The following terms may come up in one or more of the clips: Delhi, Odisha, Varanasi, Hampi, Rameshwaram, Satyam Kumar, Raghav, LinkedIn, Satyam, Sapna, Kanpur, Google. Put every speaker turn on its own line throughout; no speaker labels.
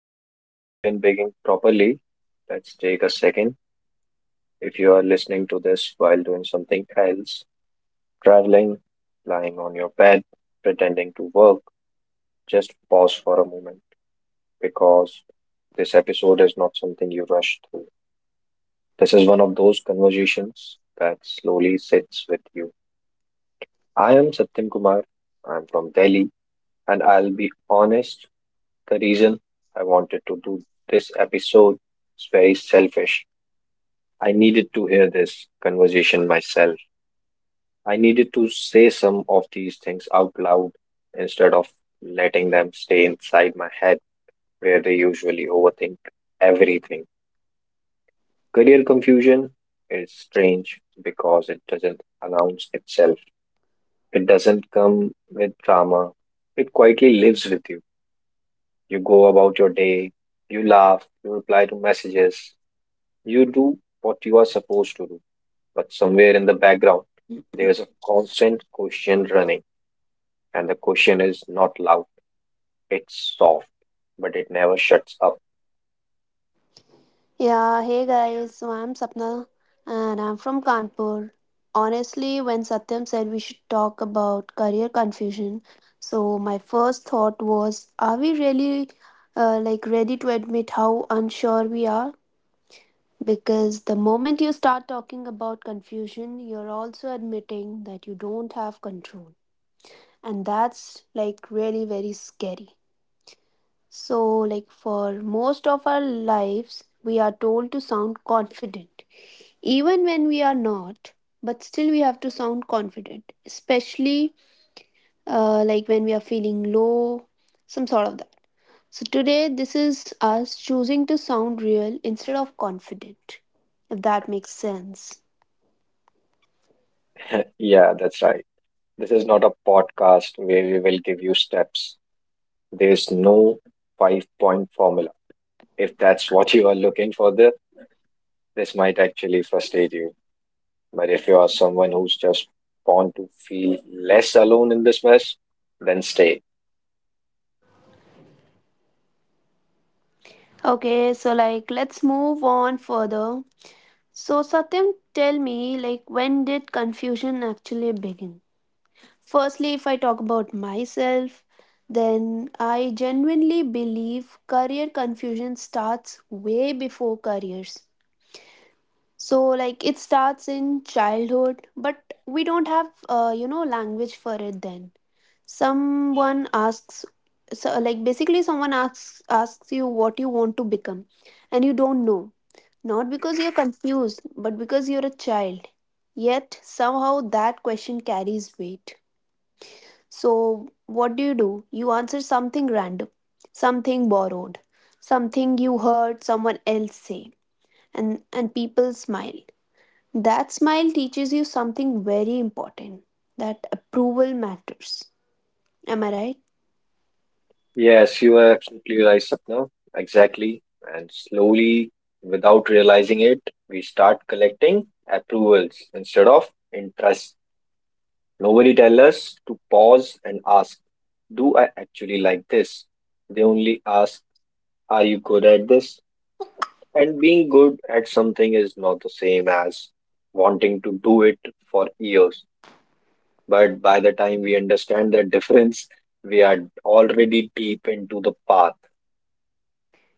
before we even begin properly, let's take a second. If you are listening to this while doing something else, traveling, lying on your bed, pretending to work, just pause for a moment because this episode is not something you rush through. This is one of those conversations that slowly sits with you. I am Satyam Kumar, I'm from Delhi, and I'll be honest, the reason I wanted to do this episode is very selfish. I needed to hear this conversation myself. I needed to say some of these things out loud instead of letting them stay inside my head where they usually overthink everything. Career confusion is strange because it doesn't announce itself, it doesn't come with drama, it quietly lives with you. You go about your day, you laugh, you reply to messages, you do what you are supposed to do. But somewhere in the background, there's a constant question running, and the question is not loud, it's soft, but it never shuts up.
Yeah, hey guys, so I'm Sapna and I'm from Kanpur. Honestly, when Satyam said we should talk about career confusion, so my first thought was, are we really like ready to admit how unsure we are? Because the moment you start talking about confusion, you're also admitting that you don't have control. And that's like really very scary. So, like for most of our lives, we are told to sound confident, even when we are not, but still we have to sound confident, especially like when we are feeling low, some sort of that. So, today, this is us choosing to sound real instead of confident, if that makes sense.
Yeah, that's right. This is not a podcast where we will give you steps. There's no five point formula. If that's what you are looking for, this might actually frustrate you. But if you are someone who's just born to feel less alone in this mess, then stay.
Okay, so like let's move on further. So, Satyam, tell me, like, when did confusion actually begin? Firstly, if I talk about myself, then I genuinely believe career confusion starts way before careers. So, like, it starts in childhood, but we don't have, you know, language for it then. Someone asks, so, like, basically, someone asks you what you want to become, and you don't know. Not because you're confused, but because you're a child. Yet, somehow, that question carries weight. So, what do? You answer something random, something borrowed, something you heard someone else say, and people smile. That smile teaches you something very important that approval matters. Am I right?
Yes, you are absolutely right, Sapna. Exactly. And slowly, without realizing it, we start collecting approvals instead of interest. Nobody tell us to pause and ask, do I actually like this? They only ask, are you good at this? And being good at something is not the same as wanting to do it for years. But by the time we understand that difference, we are already deep into the path.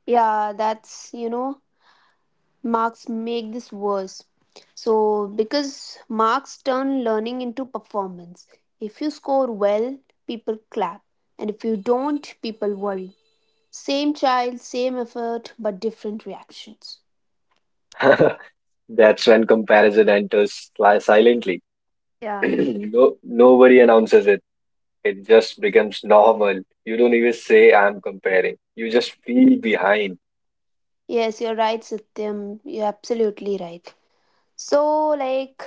Yeah, that's, you know, marks make this worse. So, because marks turn learning into performance. If you score well, people clap, and if you don't, people worry. Same child, same effort, but different reactions.
That's when comparison enters silently.
Yeah.
No, nobody announces it. It just becomes normal. You don't even say I'm comparing. You just feel behind.
Yes, you're right, Satyam. You're absolutely right. So, like,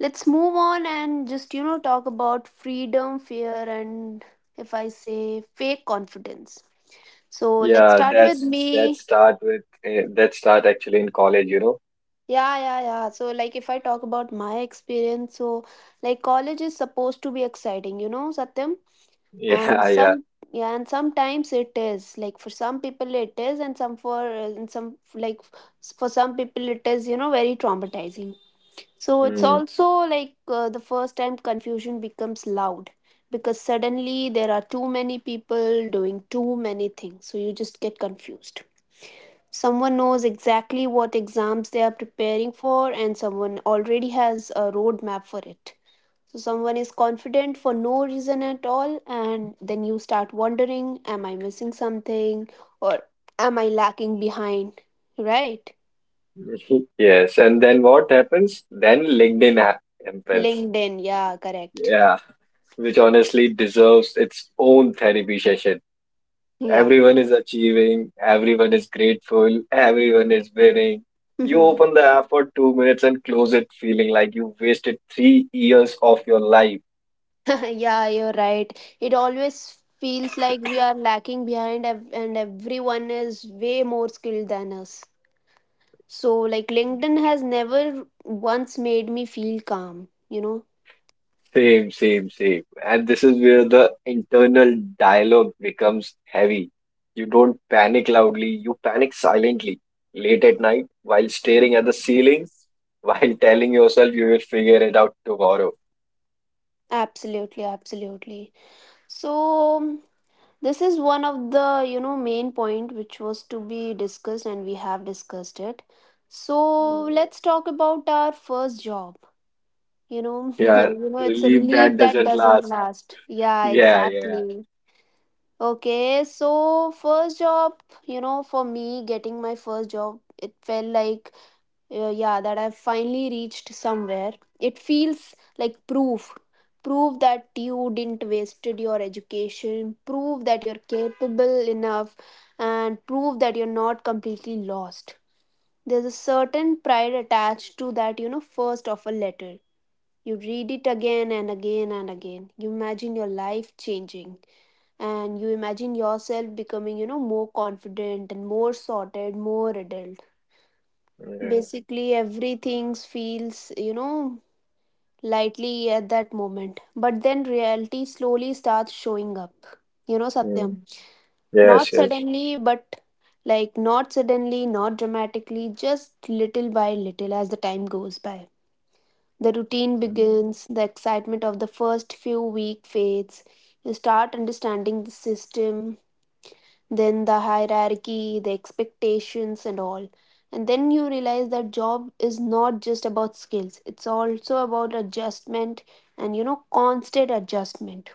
let's move on and just, you know, talk about freedom, fear, and if I say fake confidence. So, let's
Yeah,
start with
that
me.
start with that start actually in college, you know.
Yeah, yeah, yeah. So, like, if I talk about my experience, so, like, college is supposed to be exciting, you know, Satyam? And
Yeah, yeah.
some yeah, and sometimes it is, like for some people it is, and some like for some people it is, you know, very traumatizing. So it's
Hmm.
also like the first time confusion becomes loud, because suddenly there are too many people doing too many things, so you just get confused. Someone knows exactly what exams they are preparing for, and someone already has a roadmap for it. So someone is confident for no reason at all, and then you start wondering, am I missing something, or am I lacking behind? Right?
Yes, and then what happens? Then happens.
LinkedIn, yeah, correct.
Yeah, which honestly deserves its own therapy session.
Yeah.
Everyone is achieving, everyone is grateful, everyone is winning. You
Yeah,
open the app for 2 minutes and close it, feeling like you wasted 3 years of your life.
you're right. It always feels like we are lacking behind, and everyone is way more skilled than us. So, like, LinkedIn has never once made me feel calm, you know?
Same, same, same. And this is where the internal dialogue becomes heavy. You don't panic loudly, you panic silently. Late at night, while staring at the ceiling, while telling yourself you will figure it out tomorrow.
Absolutely, absolutely. So, this is one of the, you know, main point which was to be discussed and we have discussed it. So
Mm.
let's talk about our first job. You know,
Yeah,
you know, it's a
relief
relief
that
that
doesn't
doesn't
last.
last. Yeah,
Yeah, yeah.
exactly. Okay, so first job, you know, for me getting my first job, it felt like yeah, that I've finally reached somewhere. It feels like proof, proof that you didn't wasted your education, prove that you're capable enough, and prove that you're not completely lost. There's a certain pride attached to that, you know. First of a letter, you read it again and again and again. You imagine your life changing, and you imagine yourself becoming, you know, more confident and more sorted, more adult.
Yeah.
Basically, everything feels, you know, lightly at that moment. But then reality slowly starts showing up. You know, Satyam.
Mm. Yes,
Not
yes.
suddenly, but Like not suddenly, not dramatically, just little by little as the time goes by. The routine
Mm.
begins, the excitement of the first few week fades. You start understanding the system, then the hierarchy, the expectations, and all. And then you realize that job is not just about skills, it's also about adjustment, and you know, constant adjustment.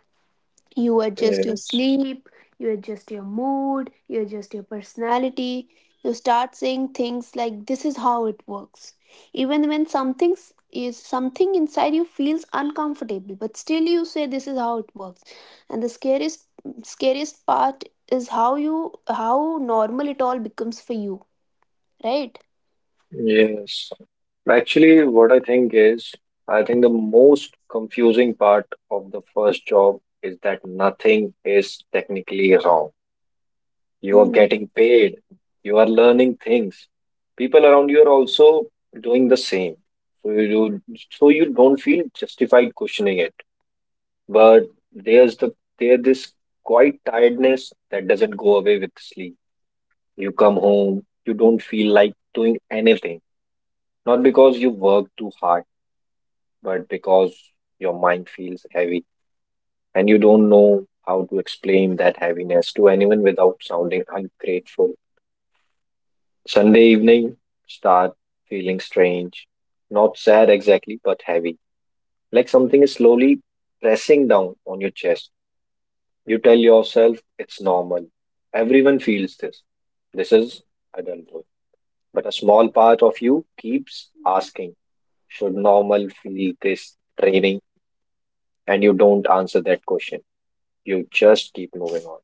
You adjust your
Yes,
sleep, you adjust your mood, you adjust your personality. You start saying things like this is how it works, even when something is, something inside you feels uncomfortable, but still you say this is how it works. And the scariest part is how you how normal it all becomes for you, right?
yes. Actually, what I think is, I think the most confusing part of the first job is that nothing is technically wrong. You are getting
Mhm.
paid, you are learning things. People around you are also doing the same. So you so you don't feel justified questioning it. But there's the there this quiet tiredness that doesn't go away with sleep. You come home, you don't feel like doing anything. Not because you work too hard, but because your mind feels heavy and you don't know how to explain that heaviness to anyone without sounding ungrateful. Sunday evening start feeling strange, not sad exactly, but heavy. Like something is slowly pressing down on your chest. You tell yourself it's normal. Everyone feels this. This is adulthood. But a small part of you keeps asking, should normal feel this training? And you don't answer that question. You just keep moving on.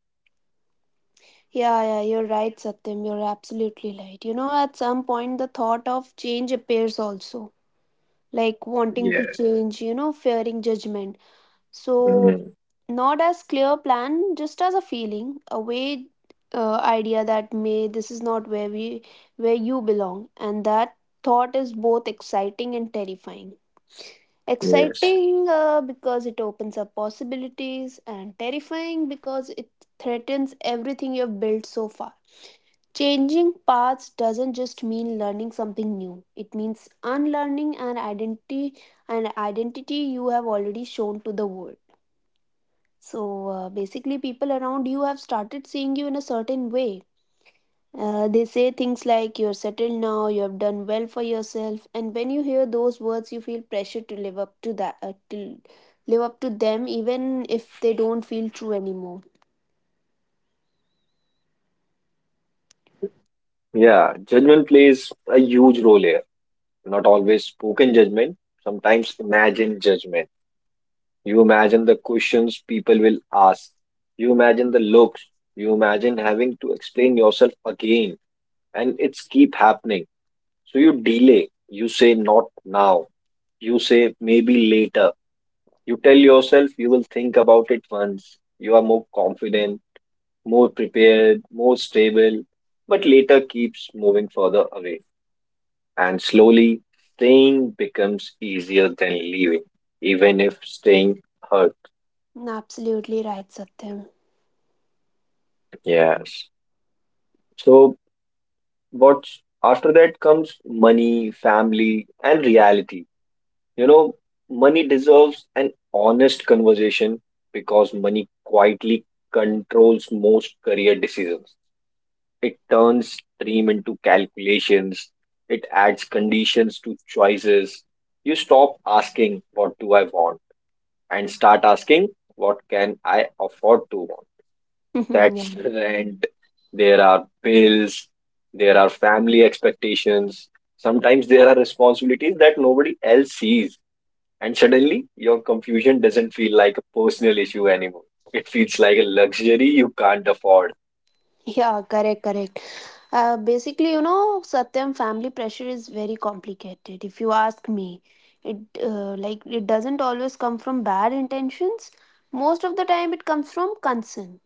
Yeah, yeah, you're right, Satyam. You're absolutely right. You know, at some point, the thought of change appears also, like wanting
Yeah.
to change, you know, fearing judgment. So,
Mm,
not as clear plan, just as a feeling, a way, idea that may this is not where we where you belong, and that thought is both exciting and terrifying.
yes.
Exciting because it opens up possibilities, and terrifying because it threatens everything you have built so far. Changing paths doesn't just mean learning something new. It means unlearning an identity, an identity you have already shown to the world. So basically people around you have started seeing you in a certain way. They say things like, "You're settled now, you have done well for yourself." And when you hear those words, you feel pressure to live up to that, to live up to them, even if they don't feel true anymore.
Yeah, judgment plays a huge role here. Not always spoken judgment, sometimes imagined judgment. You imagine the questions people will ask. You imagine the looks. You imagine having to explain yourself again. And it's keep happening. So you delay. You say not now. You say maybe later. You tell yourself you will think about it once. You are more confident, more prepared, more stable, but later keeps moving further away. And slowly, staying becomes easier than leaving, even if staying hurt.
Mm, absolutely right, Satyam.
Yes. So, what's after that comes money, family, and reality. You know, money deserves an honest conversation because money quietly controls most career decisions. It turns dream into calculations. It adds conditions to choices. You stop asking, what do I want? And start asking, what can I afford to want?
Yeah.
That's rent. There are bills. There are family expectations. Sometimes there are responsibilities that nobody else sees. And suddenly, your confusion doesn't feel like a personal issue anymore. It feels like a luxury you can't afford.
Yeah, correct, correct. Basically, you know, Satyam, family pressure is very complicated. If you ask me, it like it doesn't always come from bad intentions. Most of the time, it comes from concern.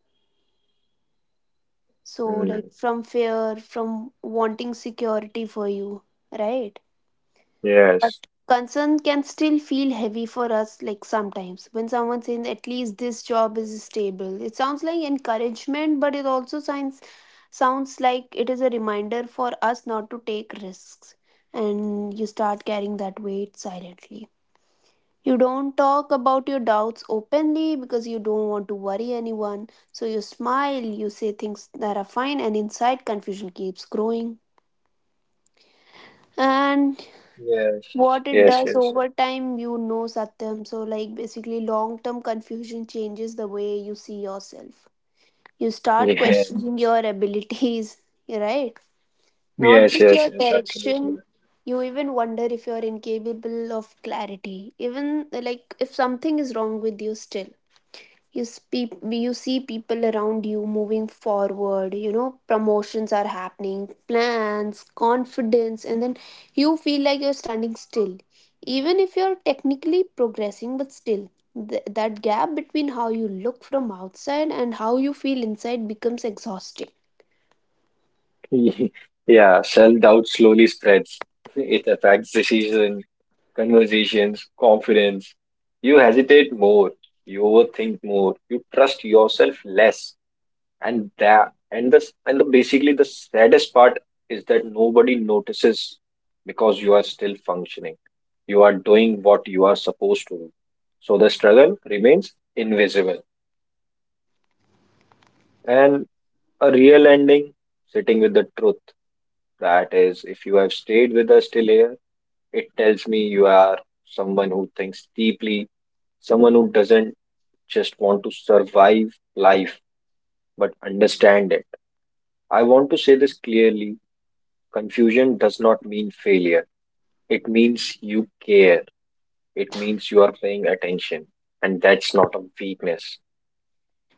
So, like,
Hmm.
mm, from fear, from wanting security for you, right?
Yes.
Concern can still feel heavy for us, like sometimes when someone says, at least this job is stable. It sounds like encouragement, but it also sounds like it is a reminder for us not to take risks. And you start carrying that weight silently. You don't talk about your doubts openly because you don't want to worry anyone. So you smile, you say things that are fine, and inside confusion keeps growing. And
Yes,
what it
yes,
does
yes,
over time, you know, Satyam. So, like, basically, long term confusion changes the way you see yourself. You start
yes,
questioning your abilities, right? Not
yes,
just
yes,
your
yes, absolutely
direction. You even wonder if you're incapable of clarity, even like if something is wrong with you. Still you see people around you moving forward, you know, promotions are happening, plans, confidence, and then you feel like you're standing still, even if you're technically progressing, but still that gap between how you look from outside and how you feel inside becomes exhausting.
right. Yeah, self-doubt slowly spreads. It affects decision, conversations, confidence. You hesitate more, you overthink more, you trust yourself less, and that and the, basically the saddest part is that nobody notices because you are still functioning. You are doing what you are supposed to do. So the struggle remains invisible. And a real ending, sitting with the truth. That is, if you have stayed with us till here, it tells me you are someone who thinks deeply, someone who doesn't just want to survive life but understand it. I want to say this clearly: confusion does not mean failure, it means you care, it means you are paying attention, and that's not a weakness.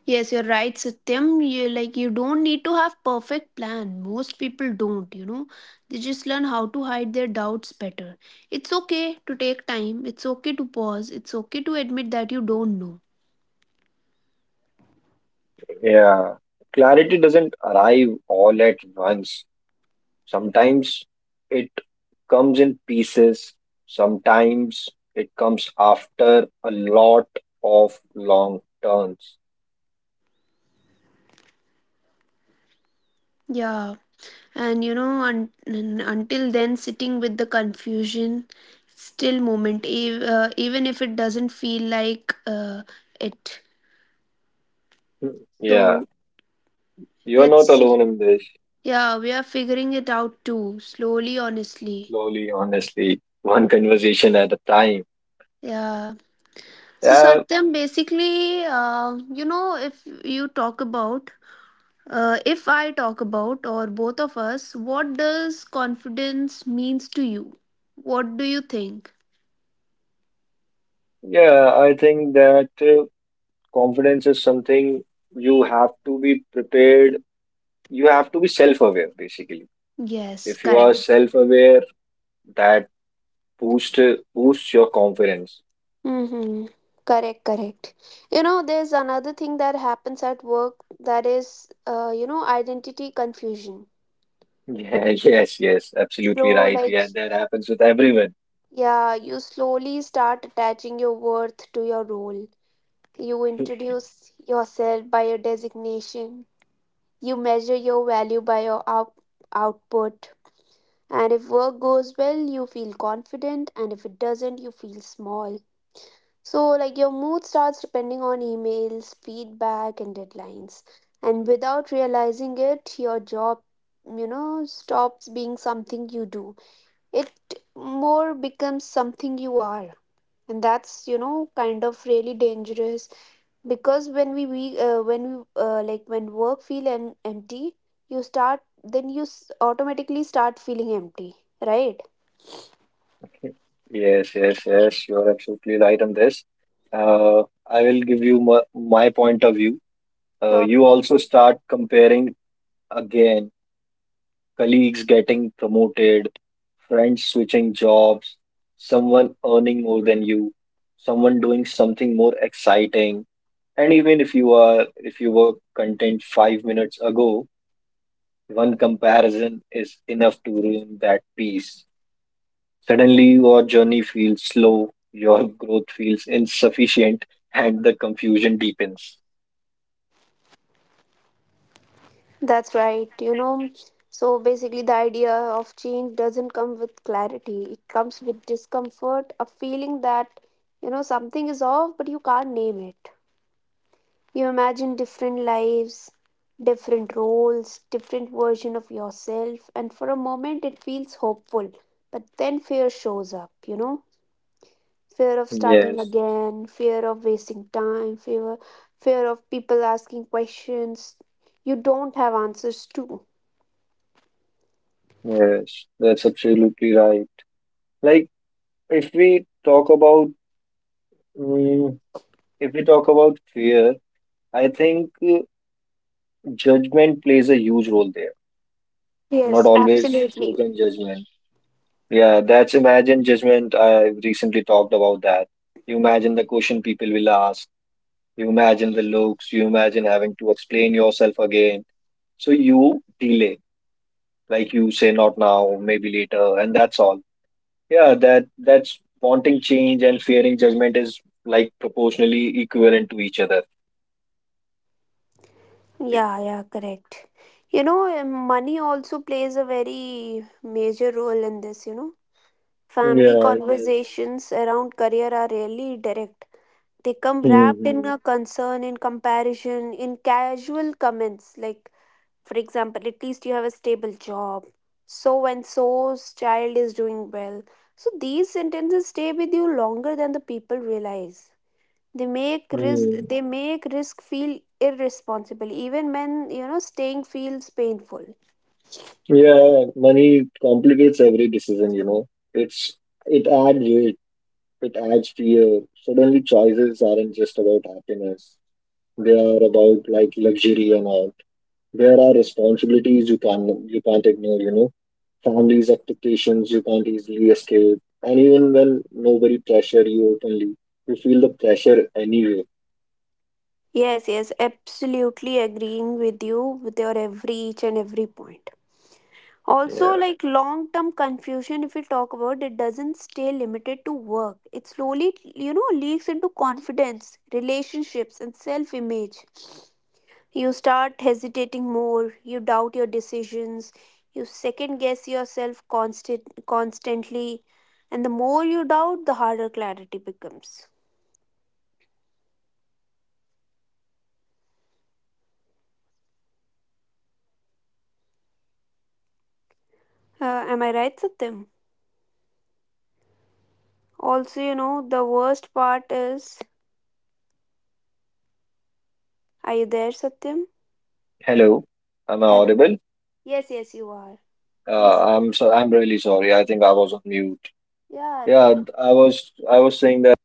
Yes, you're right, Satyam. You like you don't need to have perfect plan. Most people don't, you know. They just learn how to hide their doubts better. It's okay to take time. It's okay to pause. It's okay to admit that you don't know.
Yeah, clarity doesn't arrive all at once. Sometimes it comes in pieces, sometimes it comes after a lot of long turns.
Yeah, and you know, until then, sitting with the confusion, still moment, even if it doesn't feel like it.
Hmm.
So
Yeah, you are not
let's,
alone in this.
yeah, we are figuring it out too, slowly, honestly.
Slowly, honestly, one conversation at a time.
Yeah. So,
Yeah,
Satyam, basically, you know, if I talk about, or both of us, what does confidence means to you? What do you think?
yeah, I think that confidence is something you have to be prepared. You have to be self-aware, basically.
Yes,
If you are
correct.
self-aware, that boost boosts your confidence.
Mm-hmm. Correct, correct. You know, there's another thing that happens at work, that is, you know, identity confusion.
Yeah, yes, yes, absolutely
So,
right.
like,
Yeah, that happens with everyone.
yeah, you slowly start attaching your worth to your role. You introduce yourself by your designation. You measure your value by your output. And if work goes well, you feel confident. And if it doesn't, you feel small. So, like, your mood starts depending on emails, feedback, and deadlines. And without realizing it, your job, you know, stops being something you do. It more becomes something you are, and that's, you know, kind of really dangerous, because when we when we like when work feel empty, you start, then you automatically start feeling empty, right?
Yes, yes, yes. You're absolutely right on this. Uh, I will give you my point of view.
Sure.
You also start comparing again, colleagues getting promoted, friends switching jobs, someone earning more than you, someone doing something more exciting. And even if if you were content 5 minutes ago, one comparison is enough to ruin that peace. Suddenly, your journey feels slow, your growth feels insufficient, and the confusion deepens.
That's right, you know. So basically the idea of change doesn't come with clarity, it comes with discomfort, a feeling that, you know, something is off but you can't name it. You imagine different lives, different roles, different version of yourself, and for a moment it feels hopeful, but then fear shows up, you know? Fear of starting
Yes,
again, fear of wasting time, fear of people asking questions you don't have answers to.
yes, that's absolutely right. Like, if we talk about, mm, if we talk about fear, I think judgment plays a huge role there. Not
Yes,
always
absolutely.
spoken judgment. Yeah, that's imagined judgment. I recently talked about that. You imagine the question people will ask. You imagine the looks, you imagine having to explain yourself again. So you delay, like you say, not now, maybe later, and that's all. Yeah, that's wanting change and fearing judgment is like proportionally equivalent to each other.
Yeah, yeah, correct. You know, money also plays a very major role in this, you know. Family
Yeah, yes.
conversations around career are rarely direct. They come
Hmm.
wrapped in
Hmm.
a concern, in comparison, in casual comments. Like, for example, at least you have a stable job. So and so's child is doing well. So these sentences stay with you longer than the people realize. They make risk. They make risk feel irresponsible, even when you know staying feels painful.
Yeah, money complicates every decision, you know. It adds weight, it adds fear. Suddenly choices aren't just about happiness. They are about like luxury and all. There are responsibilities you can't ignore, you know, family's expectations you can't easily escape, and even when nobody pressure you openly, you feel the pressure anyway.
Yes, yes, absolutely agreeing with you with your every each and every point. Also,
Yeah.
like, long term confusion, if we talk about it, doesn't stay limited to work. It slowly, leaks into confidence, relationships, and self image. You start hesitating more. You doubt your decisions. You second guess yourself constantly. And the more you doubt, the harder clarity becomes. Am I right, Satyam? Also, the worst part is... Are you there, Satyam?
Hello. Am I
Hello.
audible?
Yes, yes, you are. Please go.
I'm really sorry. I think I was on mute.
Yeah.
Yeah, I was I was saying that.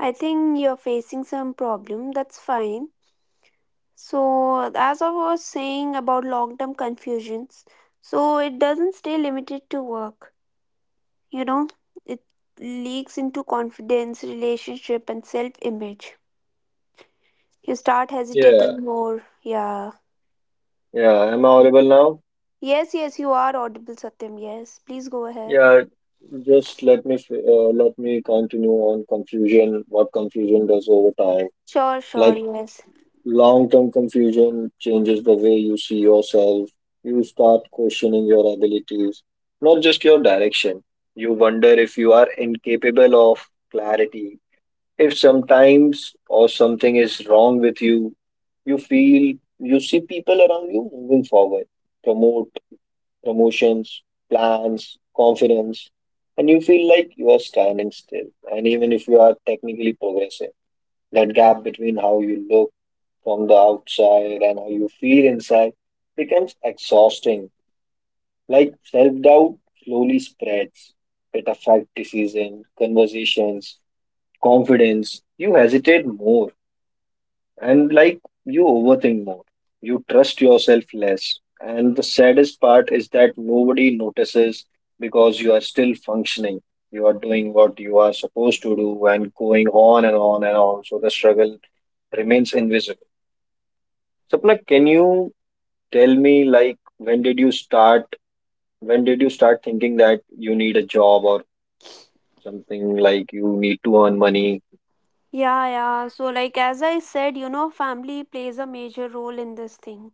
I think you're facing some problem. That's fine. So, as I was saying about long term confusions, so it doesn't stay limited to work, you know, it leaks into confidence, relationship, and self image. You start
Yeah.
hesitating more. Yeah.
Yeah. Am I audible now?
Yes, yes, you are audible, Satyam. Yes, please go ahead.
Yeah. Just let me let me continue on confusion, what confusion does over time.
Sure, sure,
Like,
yes.
long term confusion changes the way you see yourself. You start questioning your abilities, not just your direction. You wonder if you are incapable of clarity, if sometimes or something is wrong with you. You feel you see people around you moving forward, promote promotions, plans, confidence, and you feel like you are standing still. And even if you are technically progressing, that gap between how you look from the outside and how you feel inside becomes exhausting. Like self doubt slowly spreads. It affects decision, conversations, confidence. You hesitate more and like you overthink more. You trust yourself less. And the saddest part is that nobody notices because you are still functioning. You are doing what you are supposed to do and going on and on and on. So the struggle remains invisible. Sapna, can you tell me like when did you start? When did you start thinking that you need a job or something like you need to earn money?
Yeah, yeah. So, like, as I said, you know, family plays a major role in this thing,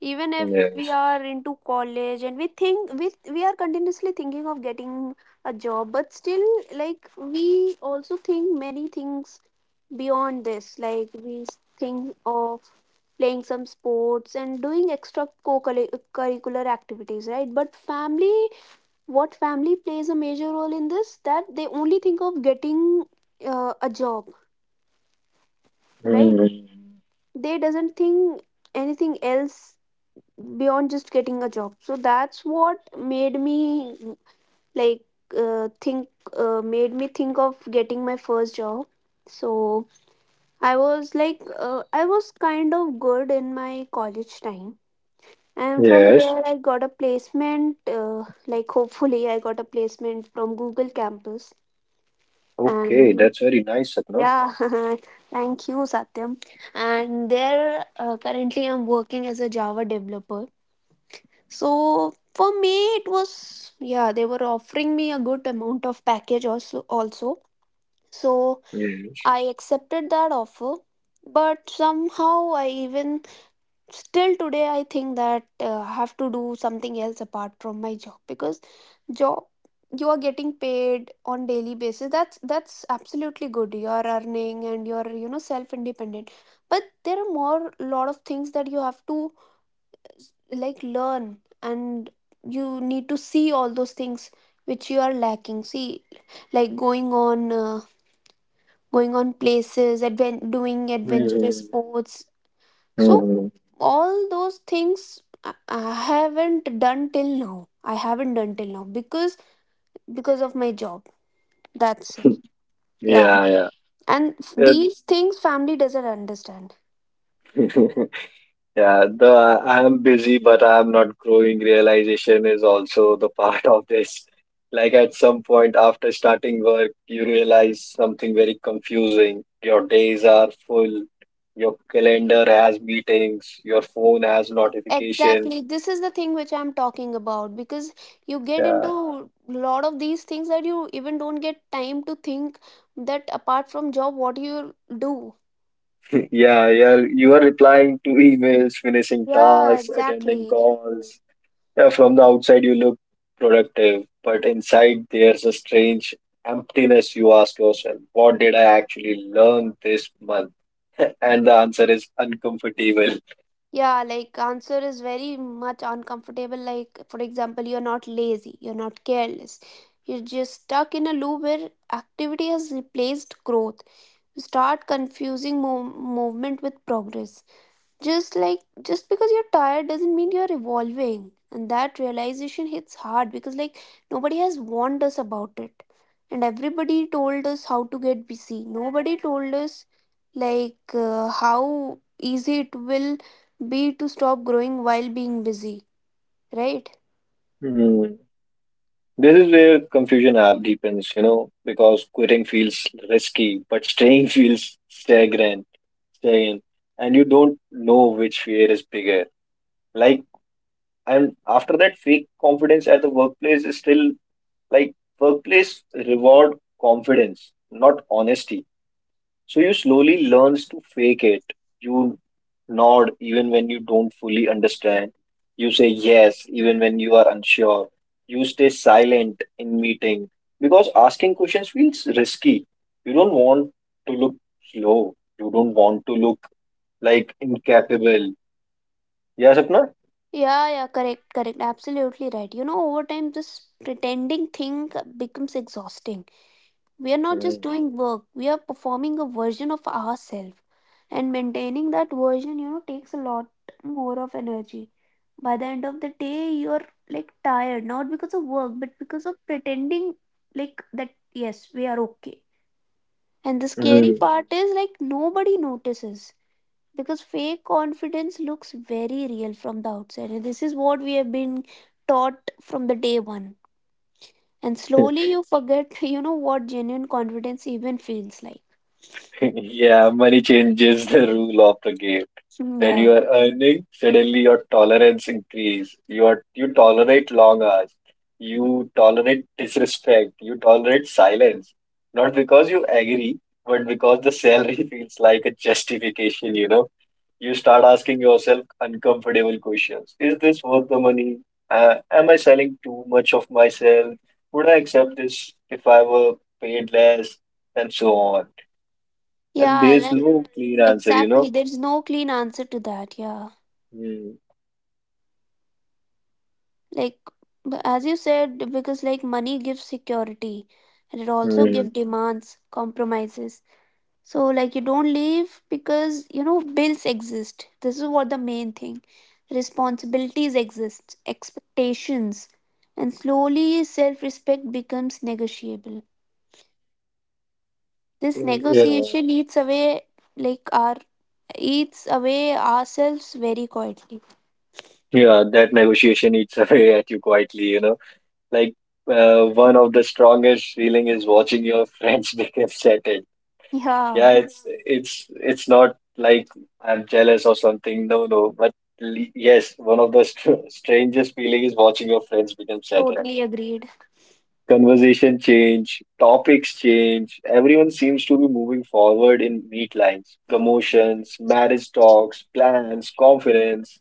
even if we
Yes.
are into college, and we think we are continuously thinking of getting a job. But still, like, we also think many things beyond this. Like, we think of playing some sports and doing extra co-curricular activities, right? But family, what family plays a major role in this, that they only think of getting a job, right?
Hmm.
They doesn't think anything else beyond just getting a job. So that's what made me, like think made me think of getting my first job. So I was kind of good in my college time, and from
Yes.
there I got a placement, like, hopefully I got a placement from Google campus.
Okay,
And
that's very nice, Sapna.
yeah, thank you, Satyam. And there, currently I'm working as a Java developer. So for me, it was, yeah, they were offering me a good amount of package also. So
Yes.
I accepted that offer. But somehow I, even still today, I think that I have to do something else apart from my job. Because job, you are getting paid on daily basis. That's absolutely good. You are earning and you're, self independent. But there are more lot of things that you have to, like, learn. And you need to see all those things which you are lacking, see. Like going on, going on places, doing adventurous
Hmm.
sports. So
Hmm.
all those things, I haven't done till now. I haven't done till now, because of my job. That's it. Yeah.
Yeah,
And
yeah.
these things family doesn't understand.
Yeah. Yeah, the I'm busy, but I'm not growing realization is also the part of this. Like at some point after starting work, you realize something very confusing. Your days are full, your calendar has meetings, your phone has notifications.
Exactly. This is the thing which I'm talking about, because you get
Yeah,
into lot of these things, that you even don't get time to think that apart from job what you do.
yeah, yeah. You are replying to emails, finishing
Yeah,
tasks, attending
exactly.
calls. Yeah, from the outside you look productive, but inside there's a strange emptiness. You ask yourself, what did I actually learn this month? And the answer is uncomfortable.
Yeah, like answer is very much uncomfortable. Like, for example, you're not lazy, you're not careless. You're just stuck in a loop where activity has replaced growth. You start confusing movement with progress. Just like just because you're tired doesn't mean you're evolving. And that realization hits hard, because like nobody has warned us about it. And everybody told us how to get busy. Nobody told us, like, how easy it will be to stop growing while being busy, right?
Hmm. This is where confusion app deepens, you know, because quitting feels risky, but staying feels stagnant, and you don't know which fear is bigger. Like, and after that, fake confidence at the workplace is still Like workplace reward confidence, not honesty. So you slowly learns to fake it. You nod even when you don't fully understand. You say yes even when you are unsure. You stay silent in meeting because asking questions feels risky. You don't want to look slow. You don't want to look like incapable. Yeah, Sapna?
Yeah, yeah, correct, correct. Absolutely right. You know, over time, this pretending thing becomes exhausting. We are not just
Mm.
doing work, we are performing a version of ourselves. And maintaining that version, takes a lot more of energy. By the end of the day, you're, like, tired, not because of work, but because of pretending like that, yes, we are okay. And the scary
Mm.
part is, like, nobody notices, because fake confidence looks very real from the outside. And this is what we have been taught from the day one. And slowly you forget, what genuine confidence even feels like.
Yeah, money changes the rule of the game.
Mm,
When
yeah.
you are earning, suddenly your tolerance increase, you tolerate long hours, you tolerate disrespect, you tolerate silence, not because you agree, but because the salary feels like a justification, you know. You start asking yourself uncomfortable questions. Is this worth the money? uh, am I selling too much of myself? Would I accept this if I were paid less? And so on. And
Yeah,
there's
and
no clear answer, you
exactly.
know.
There's no clean answer to that. Yeah.
Hmm.
Like, as you said, because like money gives security and it also
Hmm.
gives demands, compromises. So, like, you don't leave, because, bills exist. This is what the main thing. Responsibilities exist, expectations, and slowly self respect becomes negotiable. This
Yeah,
negotiation eats away, like, our eats away ourselves very quietly.
yeah, that negotiation eats away at you quietly, you know. Like One of the strongest feeling is watching your friends become settled.
Yeah,
Yeah, it's not like I'm jealous or something. No, no, but yes, one of the strangest feeling is watching your friends become settled.
totally agreed.
Conversation change, topics change. Everyone seems to be moving forward in neat lines. Promotions, marriage talks, plans, confidence,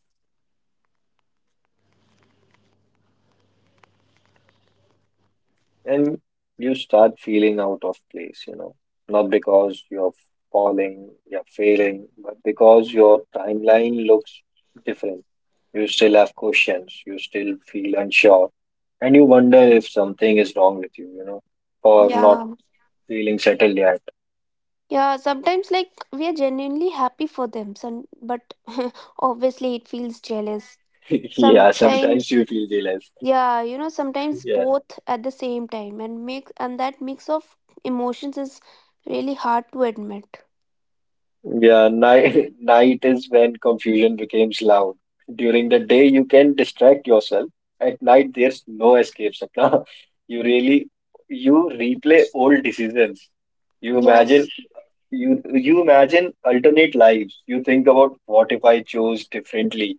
and you start feeling out of place, you know, not because you're failing, but because your timeline looks different. You still have questions, you still feel unsure, and you wonder if something is wrong with you, you know, or not
Yeah,
feeling settled yet.
yeah. Sometimes, like, we are genuinely happy for them, some, but obviously, it feels jealous.
Yeah, sometimes
Sometimes,
you feel jealous.
yeah, sometimes
Yeah.
both at the same time, and that mix of emotions is really hard to admit.
Yeah, night night is when confusion becomes loud. During the day, you can distract yourself. At night, there's no escape, Sapna. You really you replay old decisions. You
Yes,
imagine, you imagine alternate lives. You think about, what if I chose differently?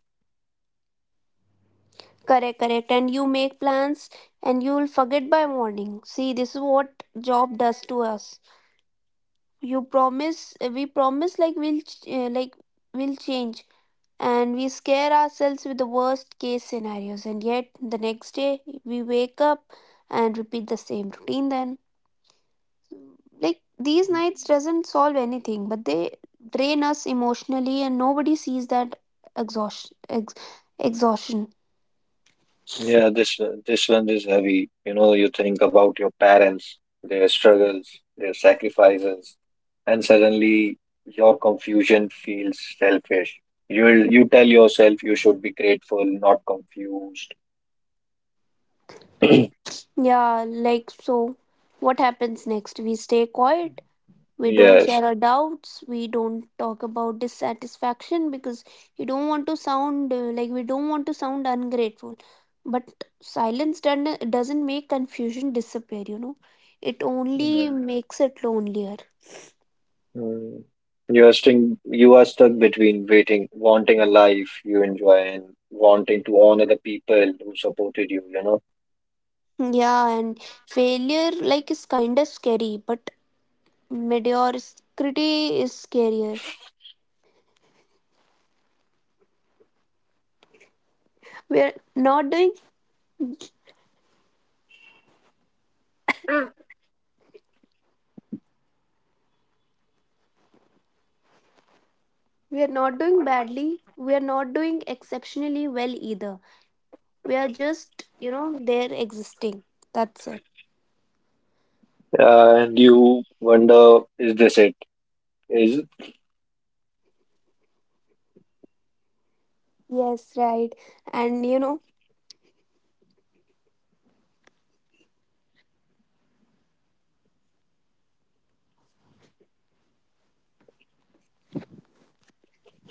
correct, correct. And you make plans, and you'll forget by morning. See, this is what job does to us. You promise, we promise, like we'll change, and we scare ourselves with the worst case scenarios, and yet the next day we wake up and repeat the same routine. Then, like, these nights doesn't solve anything, but they drain us emotionally, and nobody sees that exhaustion. Exhaustion.
Yeah, this one is heavy. You know, you think about your parents, their struggles, their sacrifices, and suddenly your confusion feels selfish. You tell yourself you should be grateful, not confused.
Yeah, like, so, what happens next? We stay quiet. We don't
Yes.
share our doubts. We don't talk about dissatisfaction, because you don't want to sound like we don't want to sound ungrateful. But silence done, doesn't make confusion disappear, it only
Yeah.
makes it lonelier.
Mm. You are stuck. You are stuck between waiting, wanting a life you enjoy, and wanting to honor the people who supported you, you know.
Yeah. And failure, like, is kind of scary, but mediocrity is scarier. We're not doing we're not doing badly, we're not doing exceptionally well either. We are just, there existing. That's it.
Yeah, and you wonder, is this it? Is—
Yes, right. And.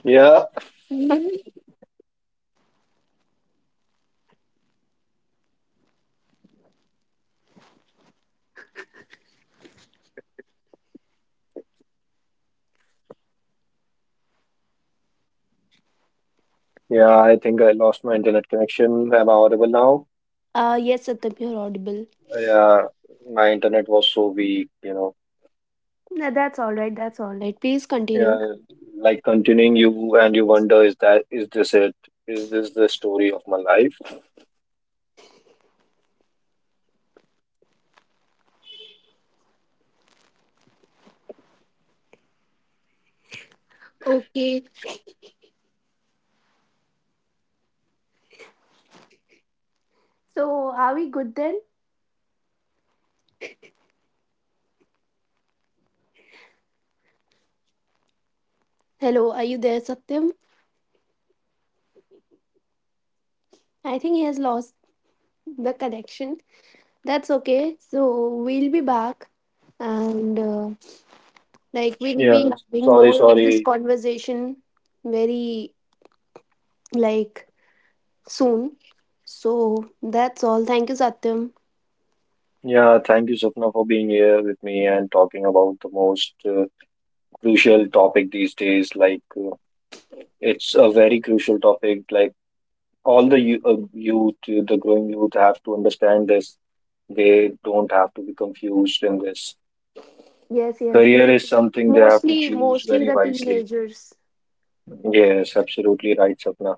yeah, yeah, I think I lost my internet connection. Am I audible now?
Yes, Satyam, you're audible.
Yeah, my internet was so weak, you know.
No, that's all right. That's all right. Right, please continue.
Yeah, like, continuing, you and you wonder, is this it? Is this the story of my life?
Okay. So, are we good then? Hello, are you there, Satyam? I think he has lost the connection. That's okay. So we'll be back, and like, we'll be
Yeah,
having
sorry,
more of this
sorry.
conversation very, like, soon. So that's all. Thank you, Satyam.
Yeah, thank you, Sapna, for being here with me and talking about the most crucial topic these days. It's a very crucial topic. Like, all the youth, the growing youth, have to understand this. They don't have to be confused in this.
Yes, yes.
Career is something they have to
Mostly,
choose
mostly
very
the
wisely.
teenagers.
Yes, absolutely right, Sapna.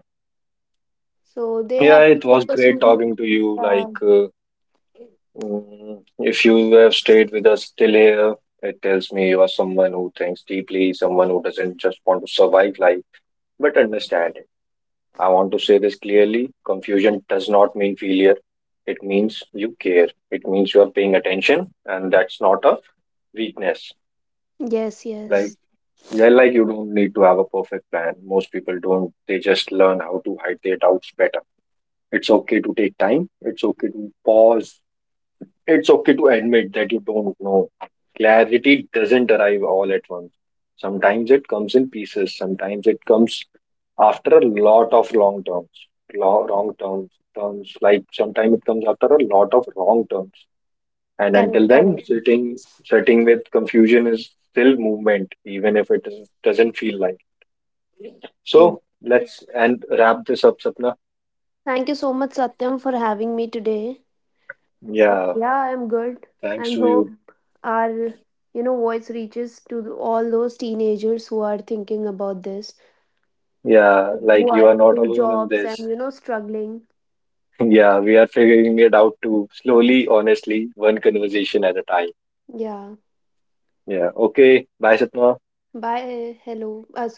So they
Yeah,
have to
it was
focus
great
on.
talking to you.
Uh,
If you have stayed with us till here, it tells me you are someone who thinks deeply, someone who doesn't just want to survive life, but understand it. I want to say this clearly: confusion does not mean failure. It means you care. It means you are paying attention, and that's not a weakness.
yes,
Like,
yes.
yeah, like, you don't need to have a perfect plan. Most people don't. They just learn how to hide their doubts better. It's okay to take time. It's okay to pause, it's okay to admit that you don't know. Clarity doesn't arrive all at once. Sometimes it comes in pieces, sometimes it comes after a lot of wrong terms. Sometimes it comes after a lot of wrong terms. And
Correct,
until then,
correct.
sitting with confusion is still movement, even if it is, doesn't feel like.
Yeah.
So let's and wrap this up, Sapna.
Thank you so much, Satyam, for having me today. So
Yeah,
yeah, I'm good,
thanks
and
to
hope
you.
our, voice reaches to all those teenagers who are thinking about this,
Yeah,
who
like, you
are
are not
into
alone in
jobs
this.
and, struggling.
Yeah, we are figuring it out too, slowly, honestly, one conversation at a time.
Yeah.
Yeah. Okay. Bye, Sapna.
Bye. Hello.